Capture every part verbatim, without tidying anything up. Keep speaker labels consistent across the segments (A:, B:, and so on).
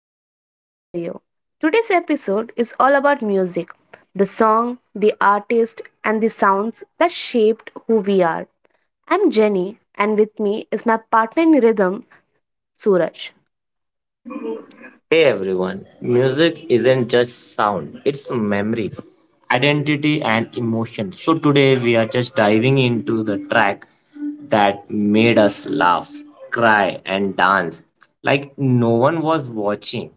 A: Life in Stereo. Today's episode is all about music, the song, the artist, and the sounds that shaped who we are. I'm Jenny, and with me is my partner in rhythm, Suraj.
B: Hey everyone, music isn't just sound, it's memory, identity, and emotion. So, today we are just diving into the track that made us laugh, cry, and dance like no one was watching.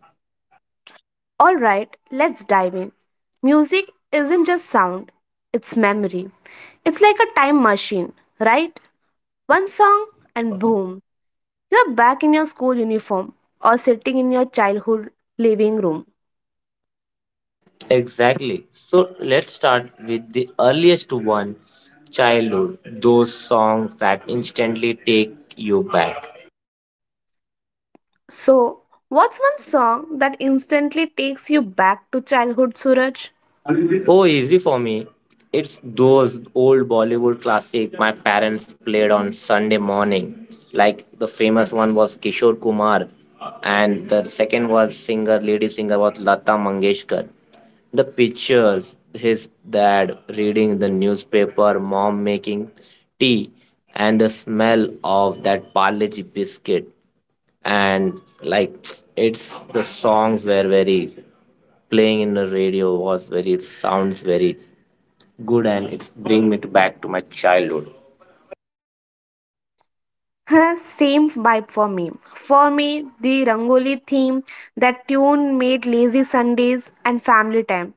A: Alright, let's dive in. Music isn't just sound, it's memory. It's like a time machine, right? One song, and boom, you're back in your school uniform or sitting in your childhood living room.
B: Exactly. So, let's start with the earliest one childhood, those songs that instantly take you back.
A: So, what's one song that instantly takes you back to childhood, Suraj?
B: Oh, easy for me. It's those old Bollywood classic my parents played on Sunday morning. Like the famous one was Kishore Kumar, and the second was singer, lady singer was Lata Mangeshkar. The pictures, his dad reading the newspaper, mom making tea, and the smell of that Parleji biscuit, and like it's the songs were very playing in the radio was very. It sounds very good and it's bring me to back to my childhood.
A: Huh, same vibe for me. For me, the Rangoli theme, that tune made lazy Sundays and family time.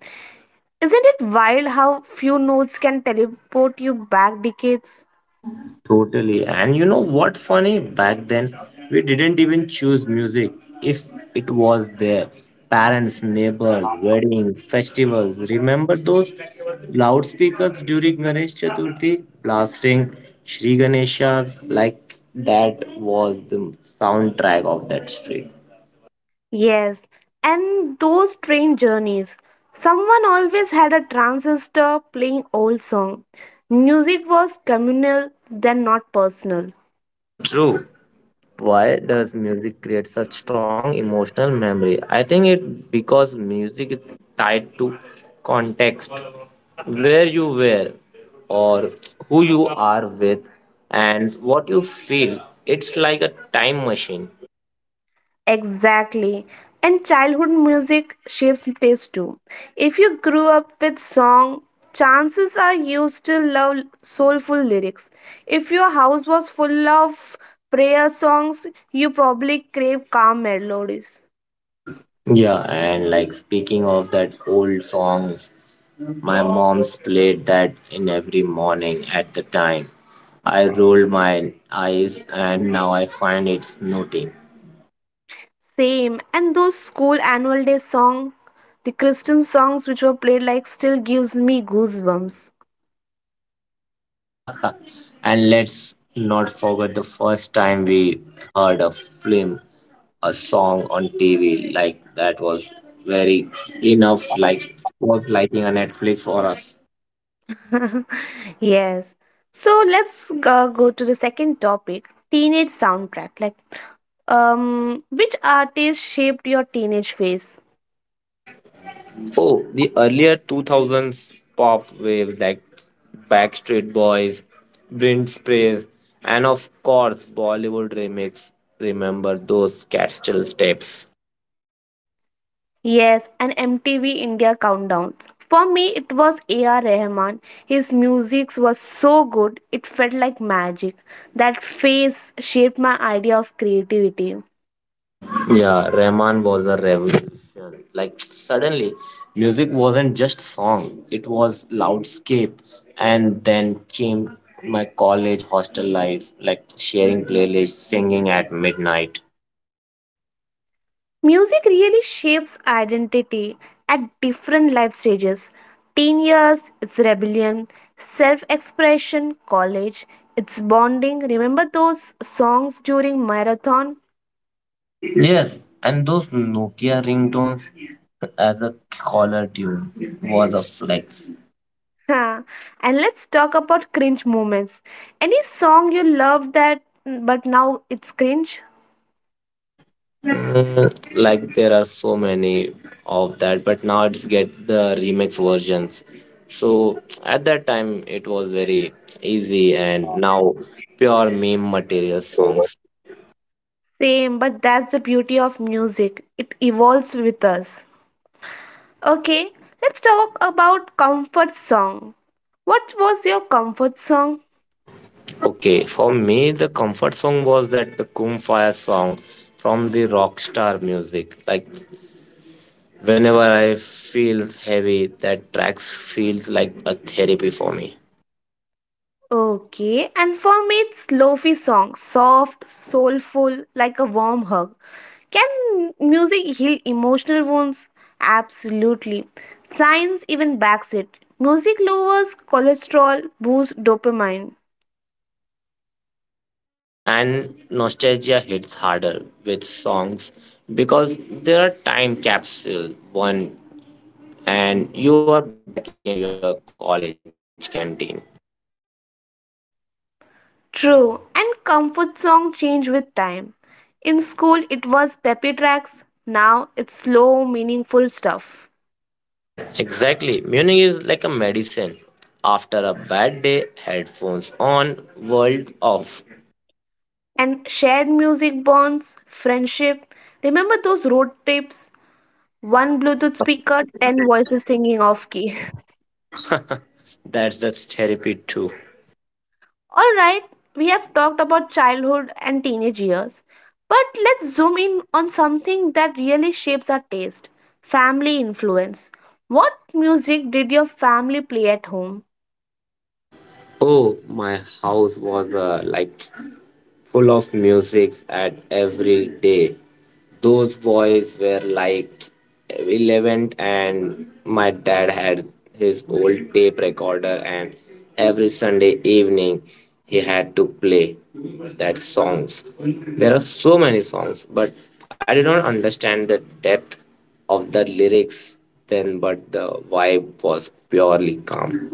A: Isn't it wild how few notes can teleport you back decades?
B: Totally, and you know what funny back then we didn't even choose music if it was there parents neighbors weddings, festivals remember those loudspeakers during Ganesh Chaturthi blasting Shri Ganeshas, like that was the soundtrack of that street.
A: Yes, and those train journeys. Someone always had a transistor playing old song. Music was communal, then not personal.
B: True. Why does music create such strong emotional memory? I think it because music is tied to context, where you were, or who you are with, and what you feel. It's like a time machine.
A: Exactly. And childhood music shapes taste too. If you grew up with song, chances are you still love soulful lyrics. If your house was full of prayer songs, you probably crave calm melodies.
B: Yeah, and like speaking of that old songs, my mom's played that in every morning. At the time I rolled my eyes and now I find it's nothing.
A: Same. And those school annual day song, the Christian songs which were played like still gives me goosebumps.
B: And let's not forget the first time we heard a film, a song on T V, like that was very enough, like was liking a Netflix for us.
A: Yes. So let's go go to the second topic, teenage soundtrack. Like Um, which artist shaped your teenage phase?
B: Oh, the earlier two thousands pop wave like Backstreet Boys, Britney Spears, and of course Bollywood remix. Remember those cat still steps.
A: Yes, an M T V India countdowns. For me, it was A R. Rahman. His music was so good, it felt like magic. That phase shaped my idea of creativity.
B: Yeah, Rahman was a revolution. Like suddenly, music wasn't just song; it was loudscape. And then came my college hostel life, like sharing playlists, singing at midnight.
A: Music really shapes identity at different life stages. Teen years, it's rebellion, self expression, college, it's bonding. Remember those songs during marathon?
B: Yes, and those Nokia ringtones as a caller tune was a flex.
A: Huh. And let's talk about cringe moments. Any song you love that mm, but now it's cringe?
B: Like there are so many of that, but now it's get the remix versions, so at that time it was very easy, and now pure meme material songs.
A: Same, but that's the beauty of music. It evolves with us. Okay, let's talk about comfort song. What was your comfort song?
B: Okay, for me the comfort song was that the kum fire song from the Rockstar music. Like whenever I feel heavy, that tracks feels like a therapy for me.
A: Okay, and for me it's lofi song, soft, soulful, like a warm hug. Can music heal emotional wounds? Absolutely. Science even backs it. Music lowers cholesterol, boosts dopamine.
B: And nostalgia hits harder with songs because they're a time capsule one, and you are back into your college canteen.
A: True, and comfort song change with time. In school it was peppy tracks, now it's slow, meaningful stuff.
B: Exactly, Munich is like a medicine. After a bad day, headphones on, world off.
A: And shared music bonds, friendship. Remember those road trips? One Bluetooth speaker, ten voices singing off key.
B: That's the therapy too.
A: Alright, we have talked about childhood and teenage years. But let's zoom in on something that really shapes our taste, family influence. What music did your family play at home?
B: Oh, my house was uh, like full of music at every day. Those boys were like eleven and my dad had his old tape recorder, and every Sunday evening he had to play that songs. There are so many songs, but I did not understand the depth of the lyrics then, but the vibe was purely calm.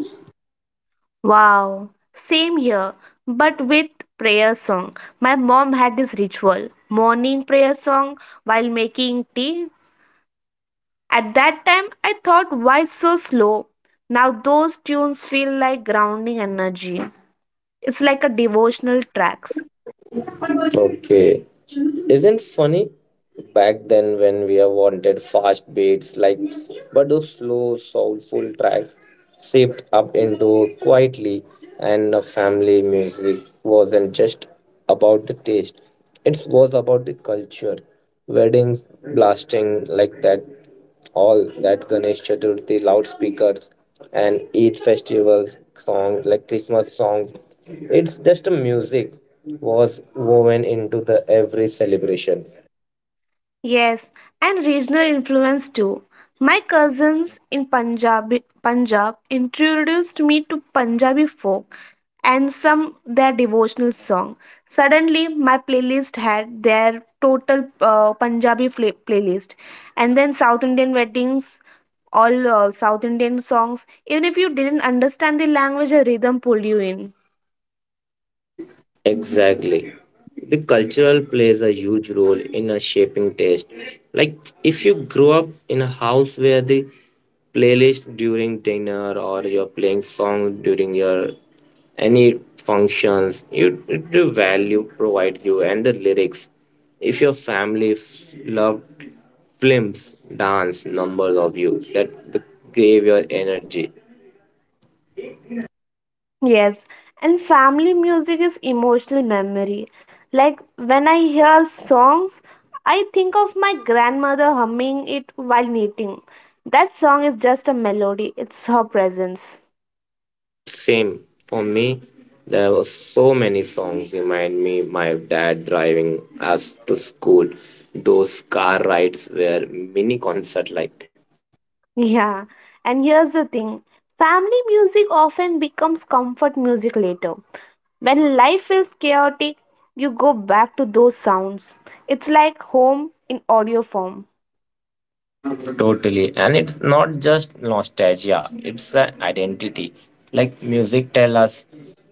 A: Wow, same here, but with prayer song. My mom had this ritual morning prayer song while making tea. At that time, I thought, why so slow? Now those tunes feel like grounding energy. It's like a devotional track.
B: Okay. Isn't funny back then when we have wanted fast beats, like, but those slow soulful tracks shaped up into quietly. And a family music wasn't just about the taste. It was about the culture. Weddings blasting like that, all that Ganesh Chaturthi loudspeakers and Eid festivals songs like Christmas songs. It's just a music was woven into the every celebration.
A: Yes, and regional influence too. My cousins in Punjab, Punjab introduced me to Punjabi folk and some their devotional song. Suddenly, my playlist had their total uh, Punjabi fla- playlist, and then South Indian weddings, all uh, South Indian songs. Even if you didn't understand the language, a rhythm pulled you in.
B: Exactly. The cultural plays a huge role in a shaping taste. Like if you grow up in a house where the playlist during dinner or you're playing songs during your any functions, you the value provides you and the lyrics. If your family f- loved films, dance, numbers of you that the- gave your energy.
A: Yes, and family music is emotional memory. Like when I hear songs, I think of my grandmother humming it while knitting. That song is just a melody, it's her presence.
B: Same for me. There were so many songs remind me my dad driving us to school. Those car rides were mini concert like.
A: Yeah, and here's the thing, family music often becomes comfort music later. When life feels chaotic, you go back to those sounds. It's like home in audio form.
B: Totally, and it's not just nostalgia; it's an identity. Like music tell us,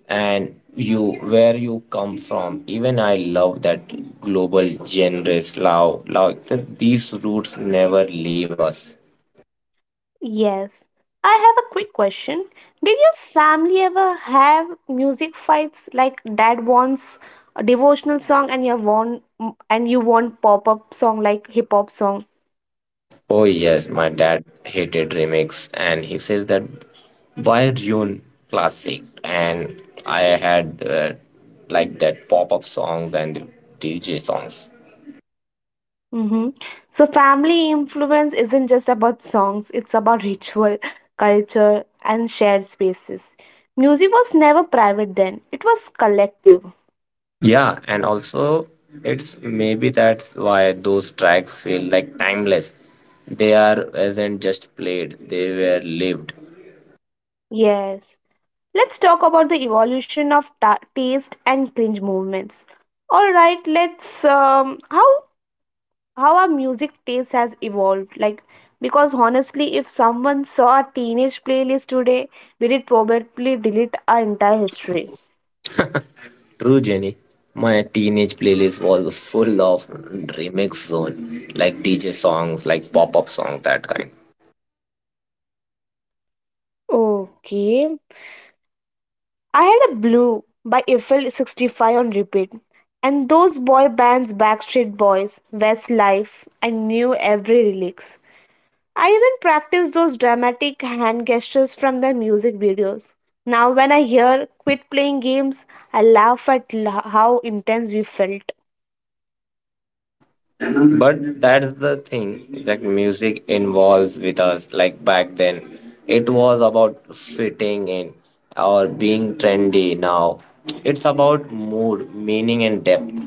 B: and you where you come from. Even I love that global genres. Love, love. These roots never leave us.
A: Yes. I have a quick question. Did your family ever have music fights like dad wants a devotional song and you want and you want pop-up song like hip hop song?
B: Oh yes, my dad hated remakes and he says that why ruin classic? And I had uh, like that pop-up songs and the D J songs.
A: Mm-hmm. So family influence isn't just about songs, it's about ritual, culture, and shared spaces. Music was never private then, it was collective.
B: Yeah, and also it's maybe that's why those tracks feel like timeless. They are wasn't just played, they were lived.
A: Yes. Let's talk about the evolution of ta- taste and cringe movements. All right, let's um, how how our music taste has evolved. Like because honestly, if someone saw a teenage playlist today, we did probably delete our entire history.
B: True, Jenny. My teenage playlist was full of remix zone, like D J songs, like pop-up songs, that kind.
A: Okay, I had a Blue by Eiffel sixty-five on repeat, and those boy bands, Backstreet Boys, Westlife, I knew every lyrics. I even practice those dramatic hand gestures from the music videos. Now, when I hear quit playing games, I laugh at lo- how intense we felt.
B: But that's the thing that music involves with us. Like back then, it was about fitting in or being trendy. Now, it's about mood, meaning, and depth.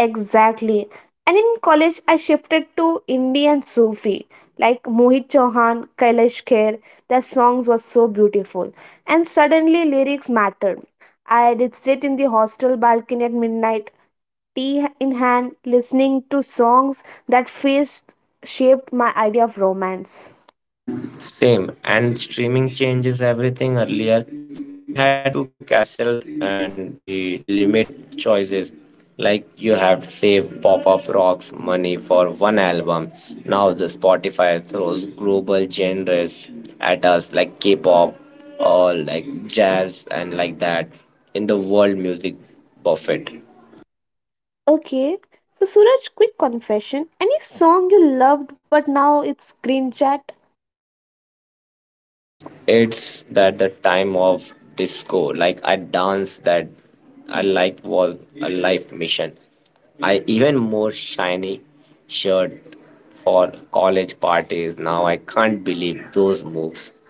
A: Exactly. And in college, I shifted to Indie and Sufi, like Mohit Chauhan, Kailash Kher. Their songs were so beautiful. And suddenly, lyrics mattered. I did sit in the hostel balcony at midnight, tea in hand, listening to songs that first shaped my idea of romance.
B: Same. And streaming changes everything. Earlier, we had to cancel and the limit choices. Like you have to save pop up rocks money for one album. Now the Spotify throws global genres at us like K-pop or like jazz and like that in the world music buffet.
A: Okay, so Suraj, quick confession. Any song you loved but now it's green chat?
B: It's that the time of disco, like I dance that I like was a life mission. I even more shiny shirt for college parties. Now I can't believe those moves.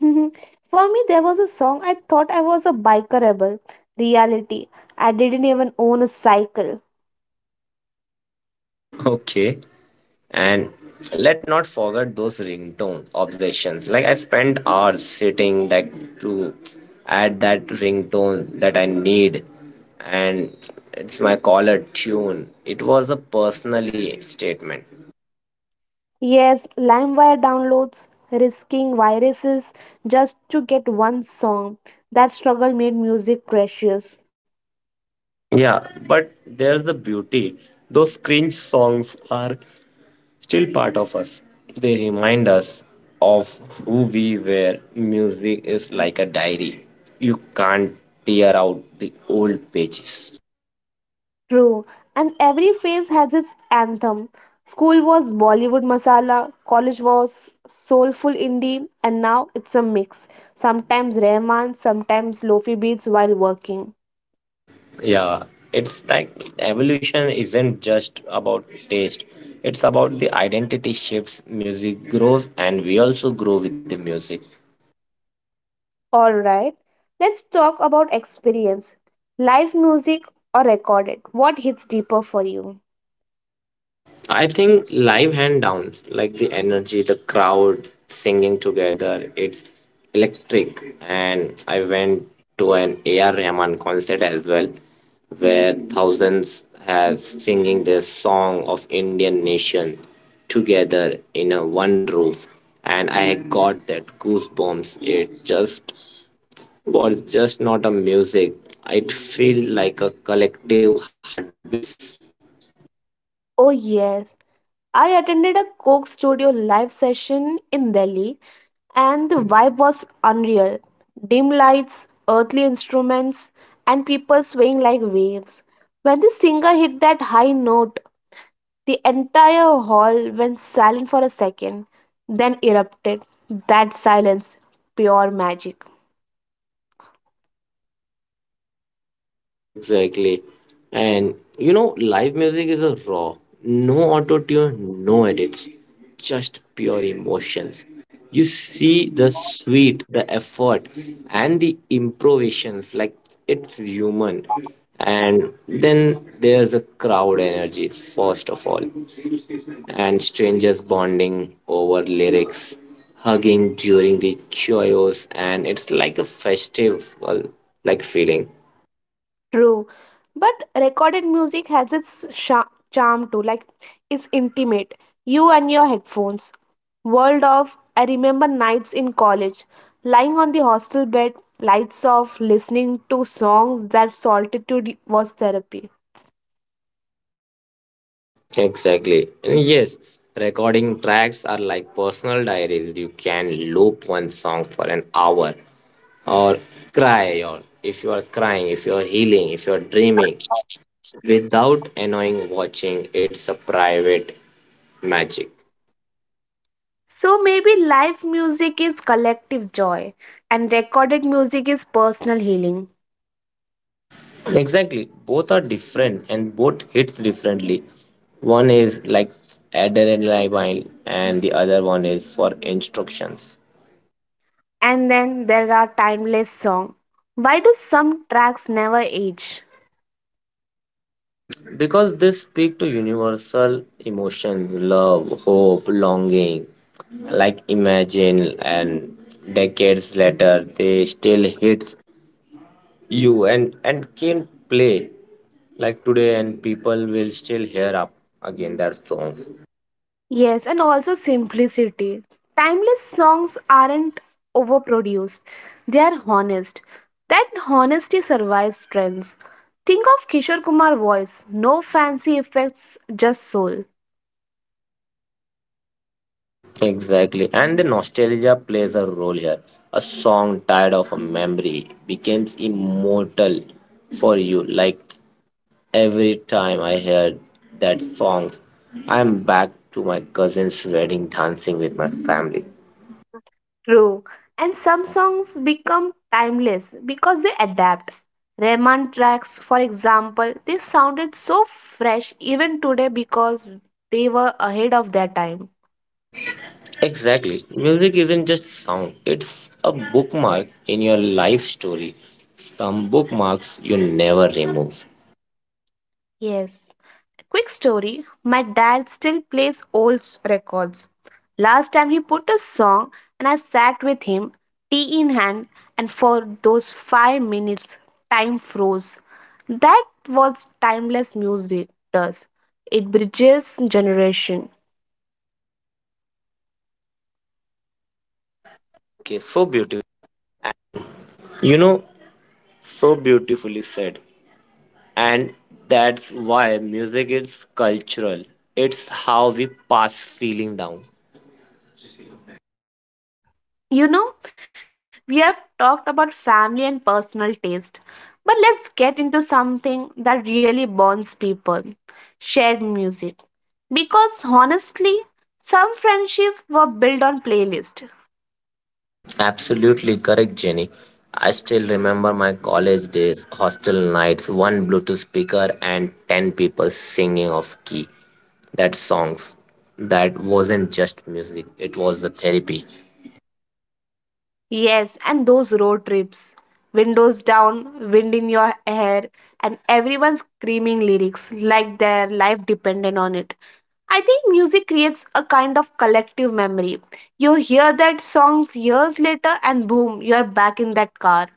A: For me, there was a song I thought I was a biker rebel. Reality, I didn't even own a cycle.
B: Okay. And let not forget those ringtone obsessions. Like I spent hours sitting like to add that ringtone that I need and it's my caller tune. It was a personally statement.
A: Yes, LimeWire downloads, risking viruses just to get one song. That struggle made music precious.
B: Yeah, but there's the beauty. Those cringe songs are still part of us. They remind us of who we were. Music is like a diary. You can't tear out the old pages.
A: True, and every phase has its anthem. School was Bollywood masala, college was soulful indie, and now it's a mix. Sometimes Rahman, sometimes lofi beats while working.
B: Yeah, it's like evolution isn't just about taste, it's about the identity shifts, music grows, and we also grow with the music.
A: All right, let's talk about experience. Live music or recorded? What hits deeper for you?
B: I think live hand downs, like the energy, the crowd singing together, it's electric. And I went to an A R Rahman concert as well, where thousands have singing the song of Indian nation together in a one roof. And I got that goosebumps. It just was just not a music. It felt like a collective heartbeats.
A: Oh, yes. I attended a Coke Studio live session in Delhi, and the vibe was unreal. Dim lights, earthly instruments, and people swaying like waves. When the singer hit that high note, the entire hall went silent for a second, then erupted. That silence, pure magic.
B: Exactly. And you know, live music is a raw, no auto tune, no edits, just pure emotions. You see the sweat, the effort, and the improvisations like it's human. And then there's a crowd energy, first of all, and strangers bonding over lyrics, hugging during the joyous, and it's like a festival like feeling.
A: True. But recorded music has its sha- charm too. Like it's intimate. You and your headphones. World of I remember nights in college, lying on the hostel bed, lights off, listening to songs that solitude was therapy.
B: Exactly. And yes, recording tracks are like personal diaries. You can loop one song for an hour or cry, or if you are crying, if you are healing, if you are dreaming without annoying watching, it's a private magic.
A: So maybe live music is collective joy and recorded music is personal healing.
B: Exactly. Both are different and both hits differently. One is like adrenaline and the other one is for instructions.
A: And then there are timeless songs. Why do some tracks never age?
B: Because they speak to universal emotions love hope longing, like imagine, and decades later they still hits you, and and can play like today and people will still hear up again that song.
A: Yes, and also simplicity. Timeless songs aren't overproduced, they are honest. That honesty survives trends. Think of Kishore Kumar voice, no fancy effects, just soul.
B: Exactly, and the nostalgia plays a role here. A song tied of a memory becomes immortal for you. Like every time I hear that song, I'm back to my cousin's wedding dancing with my family.
A: True. And some songs become timeless because they adapt. Rahman tracks, for example, they sounded so fresh even today because they were ahead of their time.
B: Exactly. Music isn't just sound, it's a bookmark in your life story. Some bookmarks you never remove.
A: Yes. Quick story, my dad still plays old records. Last time he put a song, and I sat with him, tea in hand, and for those five minutes, time froze. That was timeless music does. It bridges generation.
B: And that's why music is cultural. It's how we pass feeling down.
A: You know, we have talked about family and personal taste, but let's get into something that really bonds people, shared music. Because honestly, some friendships were built on playlists.
B: Absolutely correct, Jenny. I still remember my college days, hostel nights, one Bluetooth speaker and ten people singing off key. That songs. That wasn't just music, it was the therapy.
A: Yes, and those road trips. Windows down, wind in your hair, and everyone screaming lyrics like their life depended on it. I think music creates a kind of collective memory. You hear that songs years later and boom, you're back in that car.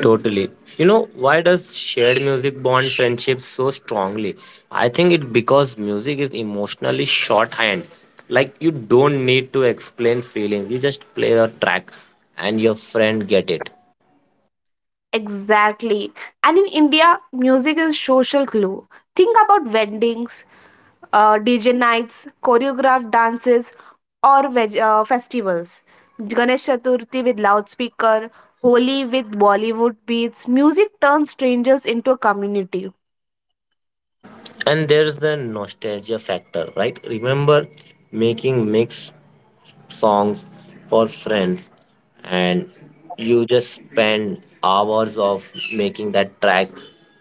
B: Totally. You know, why does shared music bond friendships so strongly? I think it because music is emotionally shorthand. Like you don't need explain feelings. You just play the track and your friend get it.
A: Exactly. And in India, music is social glue. Think about weddings, uh, D J nights, choreographed dances, or veg- uh, festivals. Ganesh Chaturthi with loudspeaker, Holi with Bollywood beats. Music turns strangers into a community.
B: And there's the nostalgia factor, right? Remember making mix songs for friends, and you just spend hours of making that track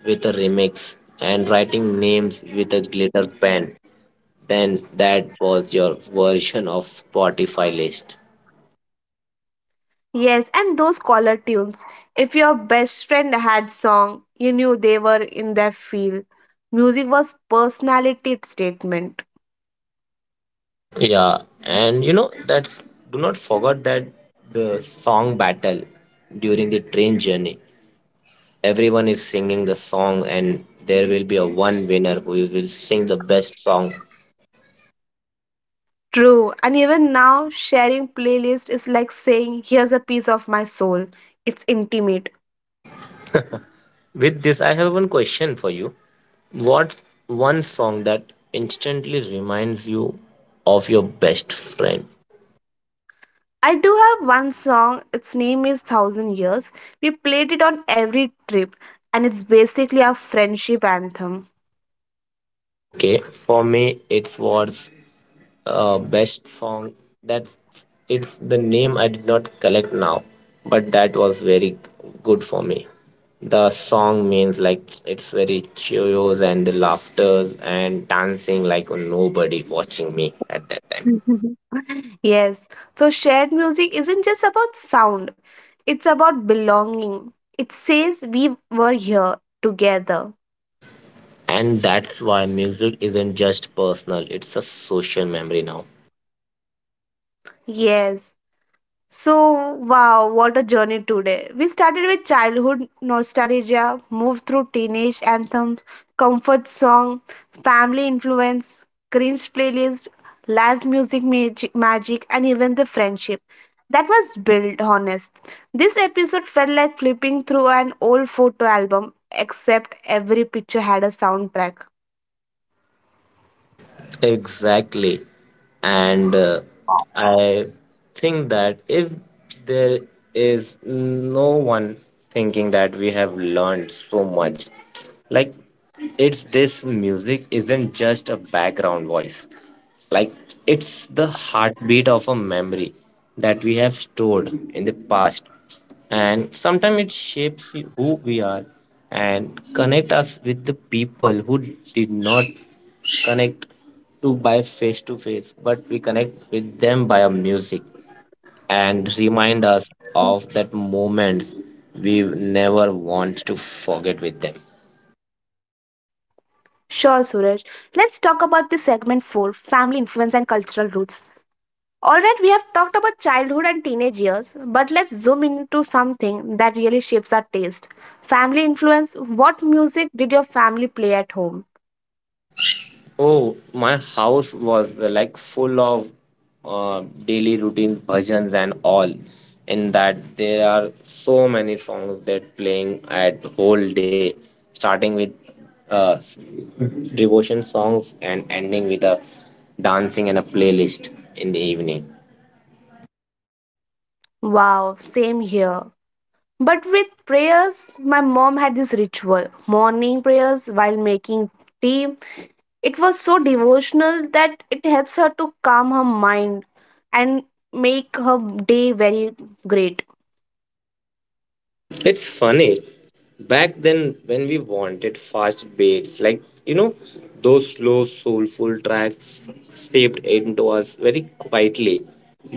B: with a remix and writing names with a glitter pen. Then that was your version of Spotify list.
A: Yes, and those collar tunes. If your best friend had song, you knew they were in their field. Music was personality statement.
B: Yeah, and you know that's do not forget that the song battle during the train journey, everyone is singing the song and there will be a one winner who will sing the best song.
A: True, and even now, sharing playlist is like saying, "Here's a piece of my soul." It's intimate.
B: With this I have one question for you. What's one song that instantly reminds you of your best friend?
A: I do have one song. Its name is Thousand Years. We played it on every trip, and it's basically our friendship anthem.
B: Okay, for me, it was uh, best song. That's it's the name I did not collect now, but that was very good for me. The song means like it's very cheerios and the laughters and dancing like nobody watching me at that time.
A: Yes, so shared music isn't just about sound, it's about belonging. It says we were here together.
B: And that's why music isn't just personal, it's a social memory now.
A: Yes. So, wow, what a journey today. We started with childhood nostalgia, moved through teenage anthems, comfort song, family influence, cringe playlist, live music magi- magic, and even the friendship. That was built, honest. This episode felt like flipping through an old photo album, except every picture had a soundtrack.
B: Exactly. And uh, I think that if there is no one thinking that we have learned so much, like it's this music isn't just a background voice, like it's the heartbeat of a memory that we have stored in the past, and sometimes it shapes who we are and connect us with the people who did not connect to by face to face, but we connect with them by a music, and remind us of that moments we never want to forget with them.
A: Sure, Suraj. Let's talk about the segment four family influence and cultural roots. All right, we have talked about childhood and teenage years, but let's zoom into something that really shapes our taste, family influence. What music did your family play at home?
B: Oh, my house was uh, like full of uh, daily routine bhajans and all. In that there are so many songs that playing at whole day, starting with uh, s- devotion songs and ending with a dancing and a playlist in the evening.
A: Wow, same here. But with prayers, my mom had this ritual morning prayers while making tea. It was so devotional that it helps her to calm her mind and make her day very great.
B: It's funny back then when we wanted fast beats, like you know those slow soulful tracks shaped into us very quietly,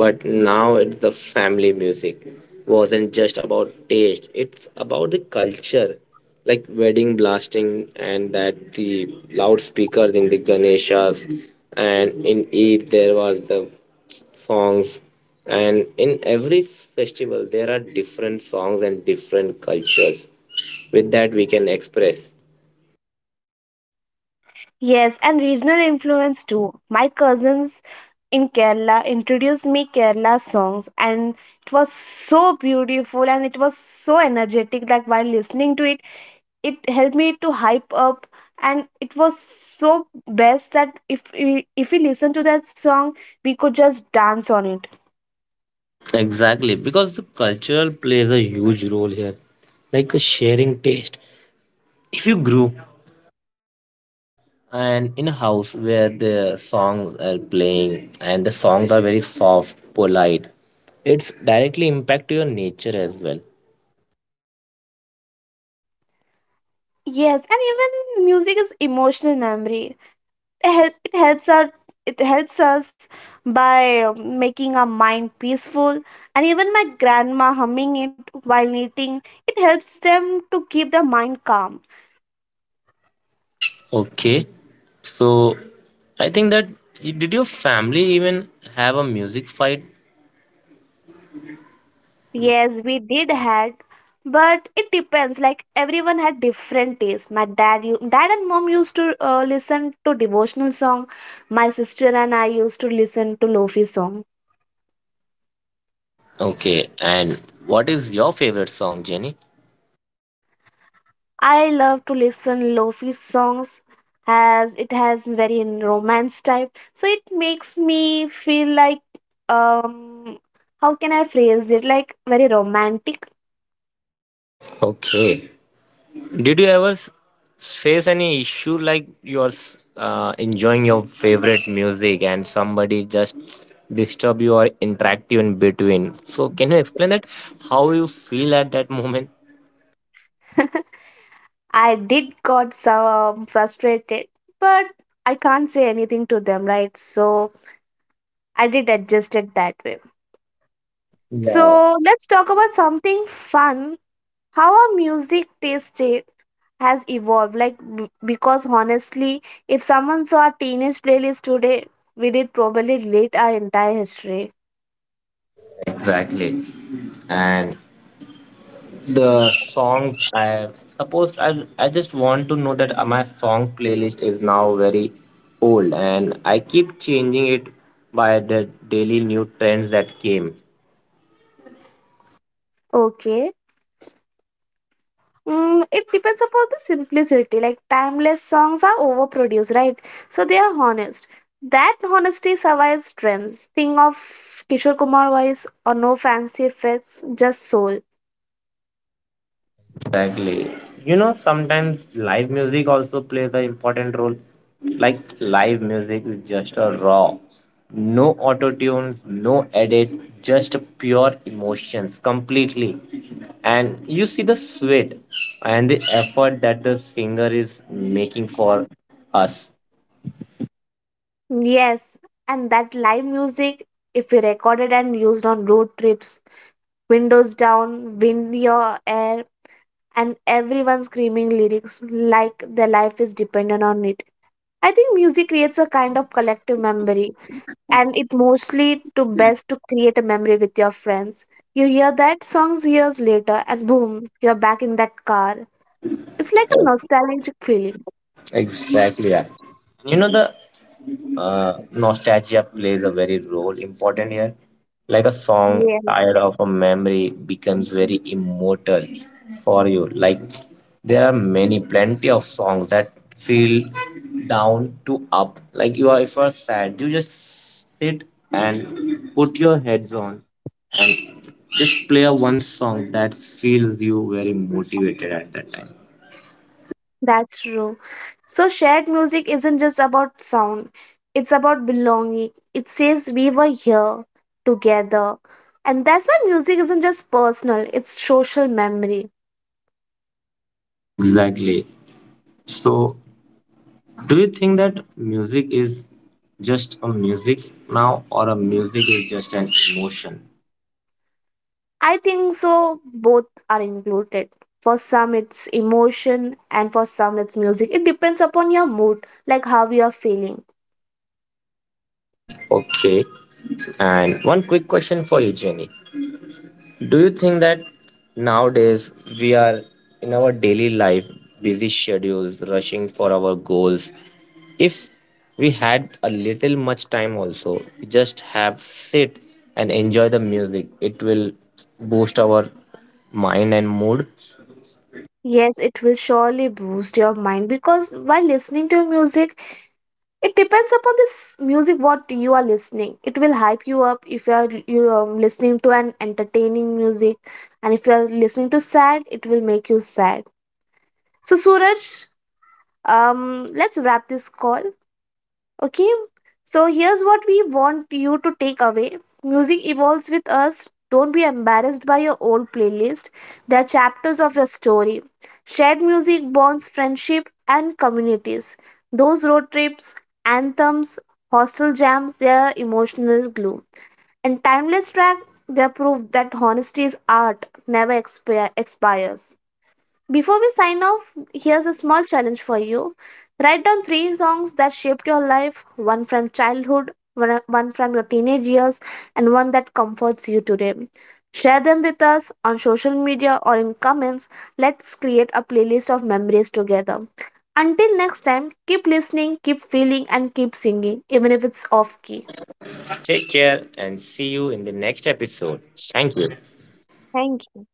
B: but now it's the family music wasn't just about taste, it's about the culture. Like wedding blasting and that the loudspeakers in the Ganeshas, and in Eid there was the songs, and in every festival there are different songs and different cultures with that we can express.
A: Yes, and regional influence too. My cousins in Kerala introduced me Kerala songs, and it was so beautiful and it was so energetic like while listening to it, it helped me to hype up, and it was so best that if we, if we listen to that song we could just dance on it.
B: Exactly, because the cultural plays a huge role here, like the sharing taste. If you grew and in a house where the songs are playing and the songs are very soft, polite, it's directly impact your nature as well.
A: Yes, and even music is emotional memory. Help it helps our it helps us by um, making our mind peaceful, and even my grandma humming it while knitting, it helps them to keep their mind calm.
B: Okay, so I think that did your family even have a music fight?
A: Yes, we did had, but it depends like everyone had different taste. My dad, you dad and mom used to uh, listen to devotional song. My sister and I used to listen to lofi song.
B: Okay, and what is your favorite song, Jenny?
A: I love to listen lofi songs as it has very romance type. So it makes me feel like, um how can I phrase it? Like very romantic.
B: Okay, did you ever s- face any issue like you're s- uh, enjoying your favorite music and somebody just disturb you or interact you in between? So can you explain that how you feel at that moment?
A: I did got some frustrated, but I can't say anything to them, right? So I did adjust it that way.
B: Yeah,
A: So let's talk about something fun, how our music taste it has evolved, like b- because honestly, if someone saw a teenage playlist today, we did probably relate our entire history.
B: exactly. And the song I suppose I I just want to know that uh, my song playlist is now very old and I keep changing it by the daily new trends that came.
A: Okay. Mm, it depends upon the simplicity. Like timeless songs are overproduced, right? So they are honest. That honesty survives trends. Think of Kishore Kumar voice or no fancy effects, just soul.
B: Exactly. You know, sometimes live music also plays an important role. Like live music is just a raw, no auto tunes, no edit, just pure emotions completely. And you see the sweat and the effort that the singer is making for us.
A: Yes, and that live music, if we recorded and used on road trips, windows down, wind in your hair, and everyone screaming lyrics like their life is dependent on it. I think music creates a kind of collective memory, and it mostly to best to create a memory with your friends. You hear that songs years later, and boom, you're back in that car. It's like a nostalgic feeling.
B: Exactly. Yeah. You know the uh, nostalgia plays a very role important here. Like a song
A: Yeah.
B: tired of a memory becomes very immortal for you. Like there are many plenty of songs that feel down to up. Like you are if you are sad, you just sit and put your heads on and just play a one song that feels you very motivated at that time.
A: That's true. So, shared music isn't just about sound, it's about belonging. It says we were here together. And that's why music isn't just personal, it's social memory.
B: Exactly. So do you think that music is just a music now, or a music is just an emotion?
A: I think so, both are included. For some, it's emotion, and for some, it's music. It depends upon your mood, like how you are feeling.
B: Okay. And one quick question for you, Jenny. Do you think that nowadays we are in our daily life, busy schedules, rushing for our goals? If we had a little much time also, just have sit and enjoy the music. It will boost our mind and mood.
A: Yes, it will surely boost your mind because while listening to music, it depends upon this music what you are listening, it will hype you up if you are you are listening to an entertaining music, and if you are listening to sad it will make you sad. So Suraj, um let's wrap this call. Okay, so here's what we want you to take away. Music evolves with us. Don't be embarrassed by your old playlist, they are chapters of your story. Shared music bonds friendship and communities. Those road trips, anthems, hostel jams, they are emotional glue. And timeless track, they prove that honesty is art, never expire, expires. Before we sign off, here's a small challenge for you. Write down three songs that shaped your life, one from childhood, one one from your teenage years, and one that comforts you today. Share them with us on social media or in comments. Let's create a playlist of memories together. Until next time, keep listening, keep feeling, and keep singing, even if it's off key.
B: Take care and see you in the next episode. Thank you.
A: Thank you.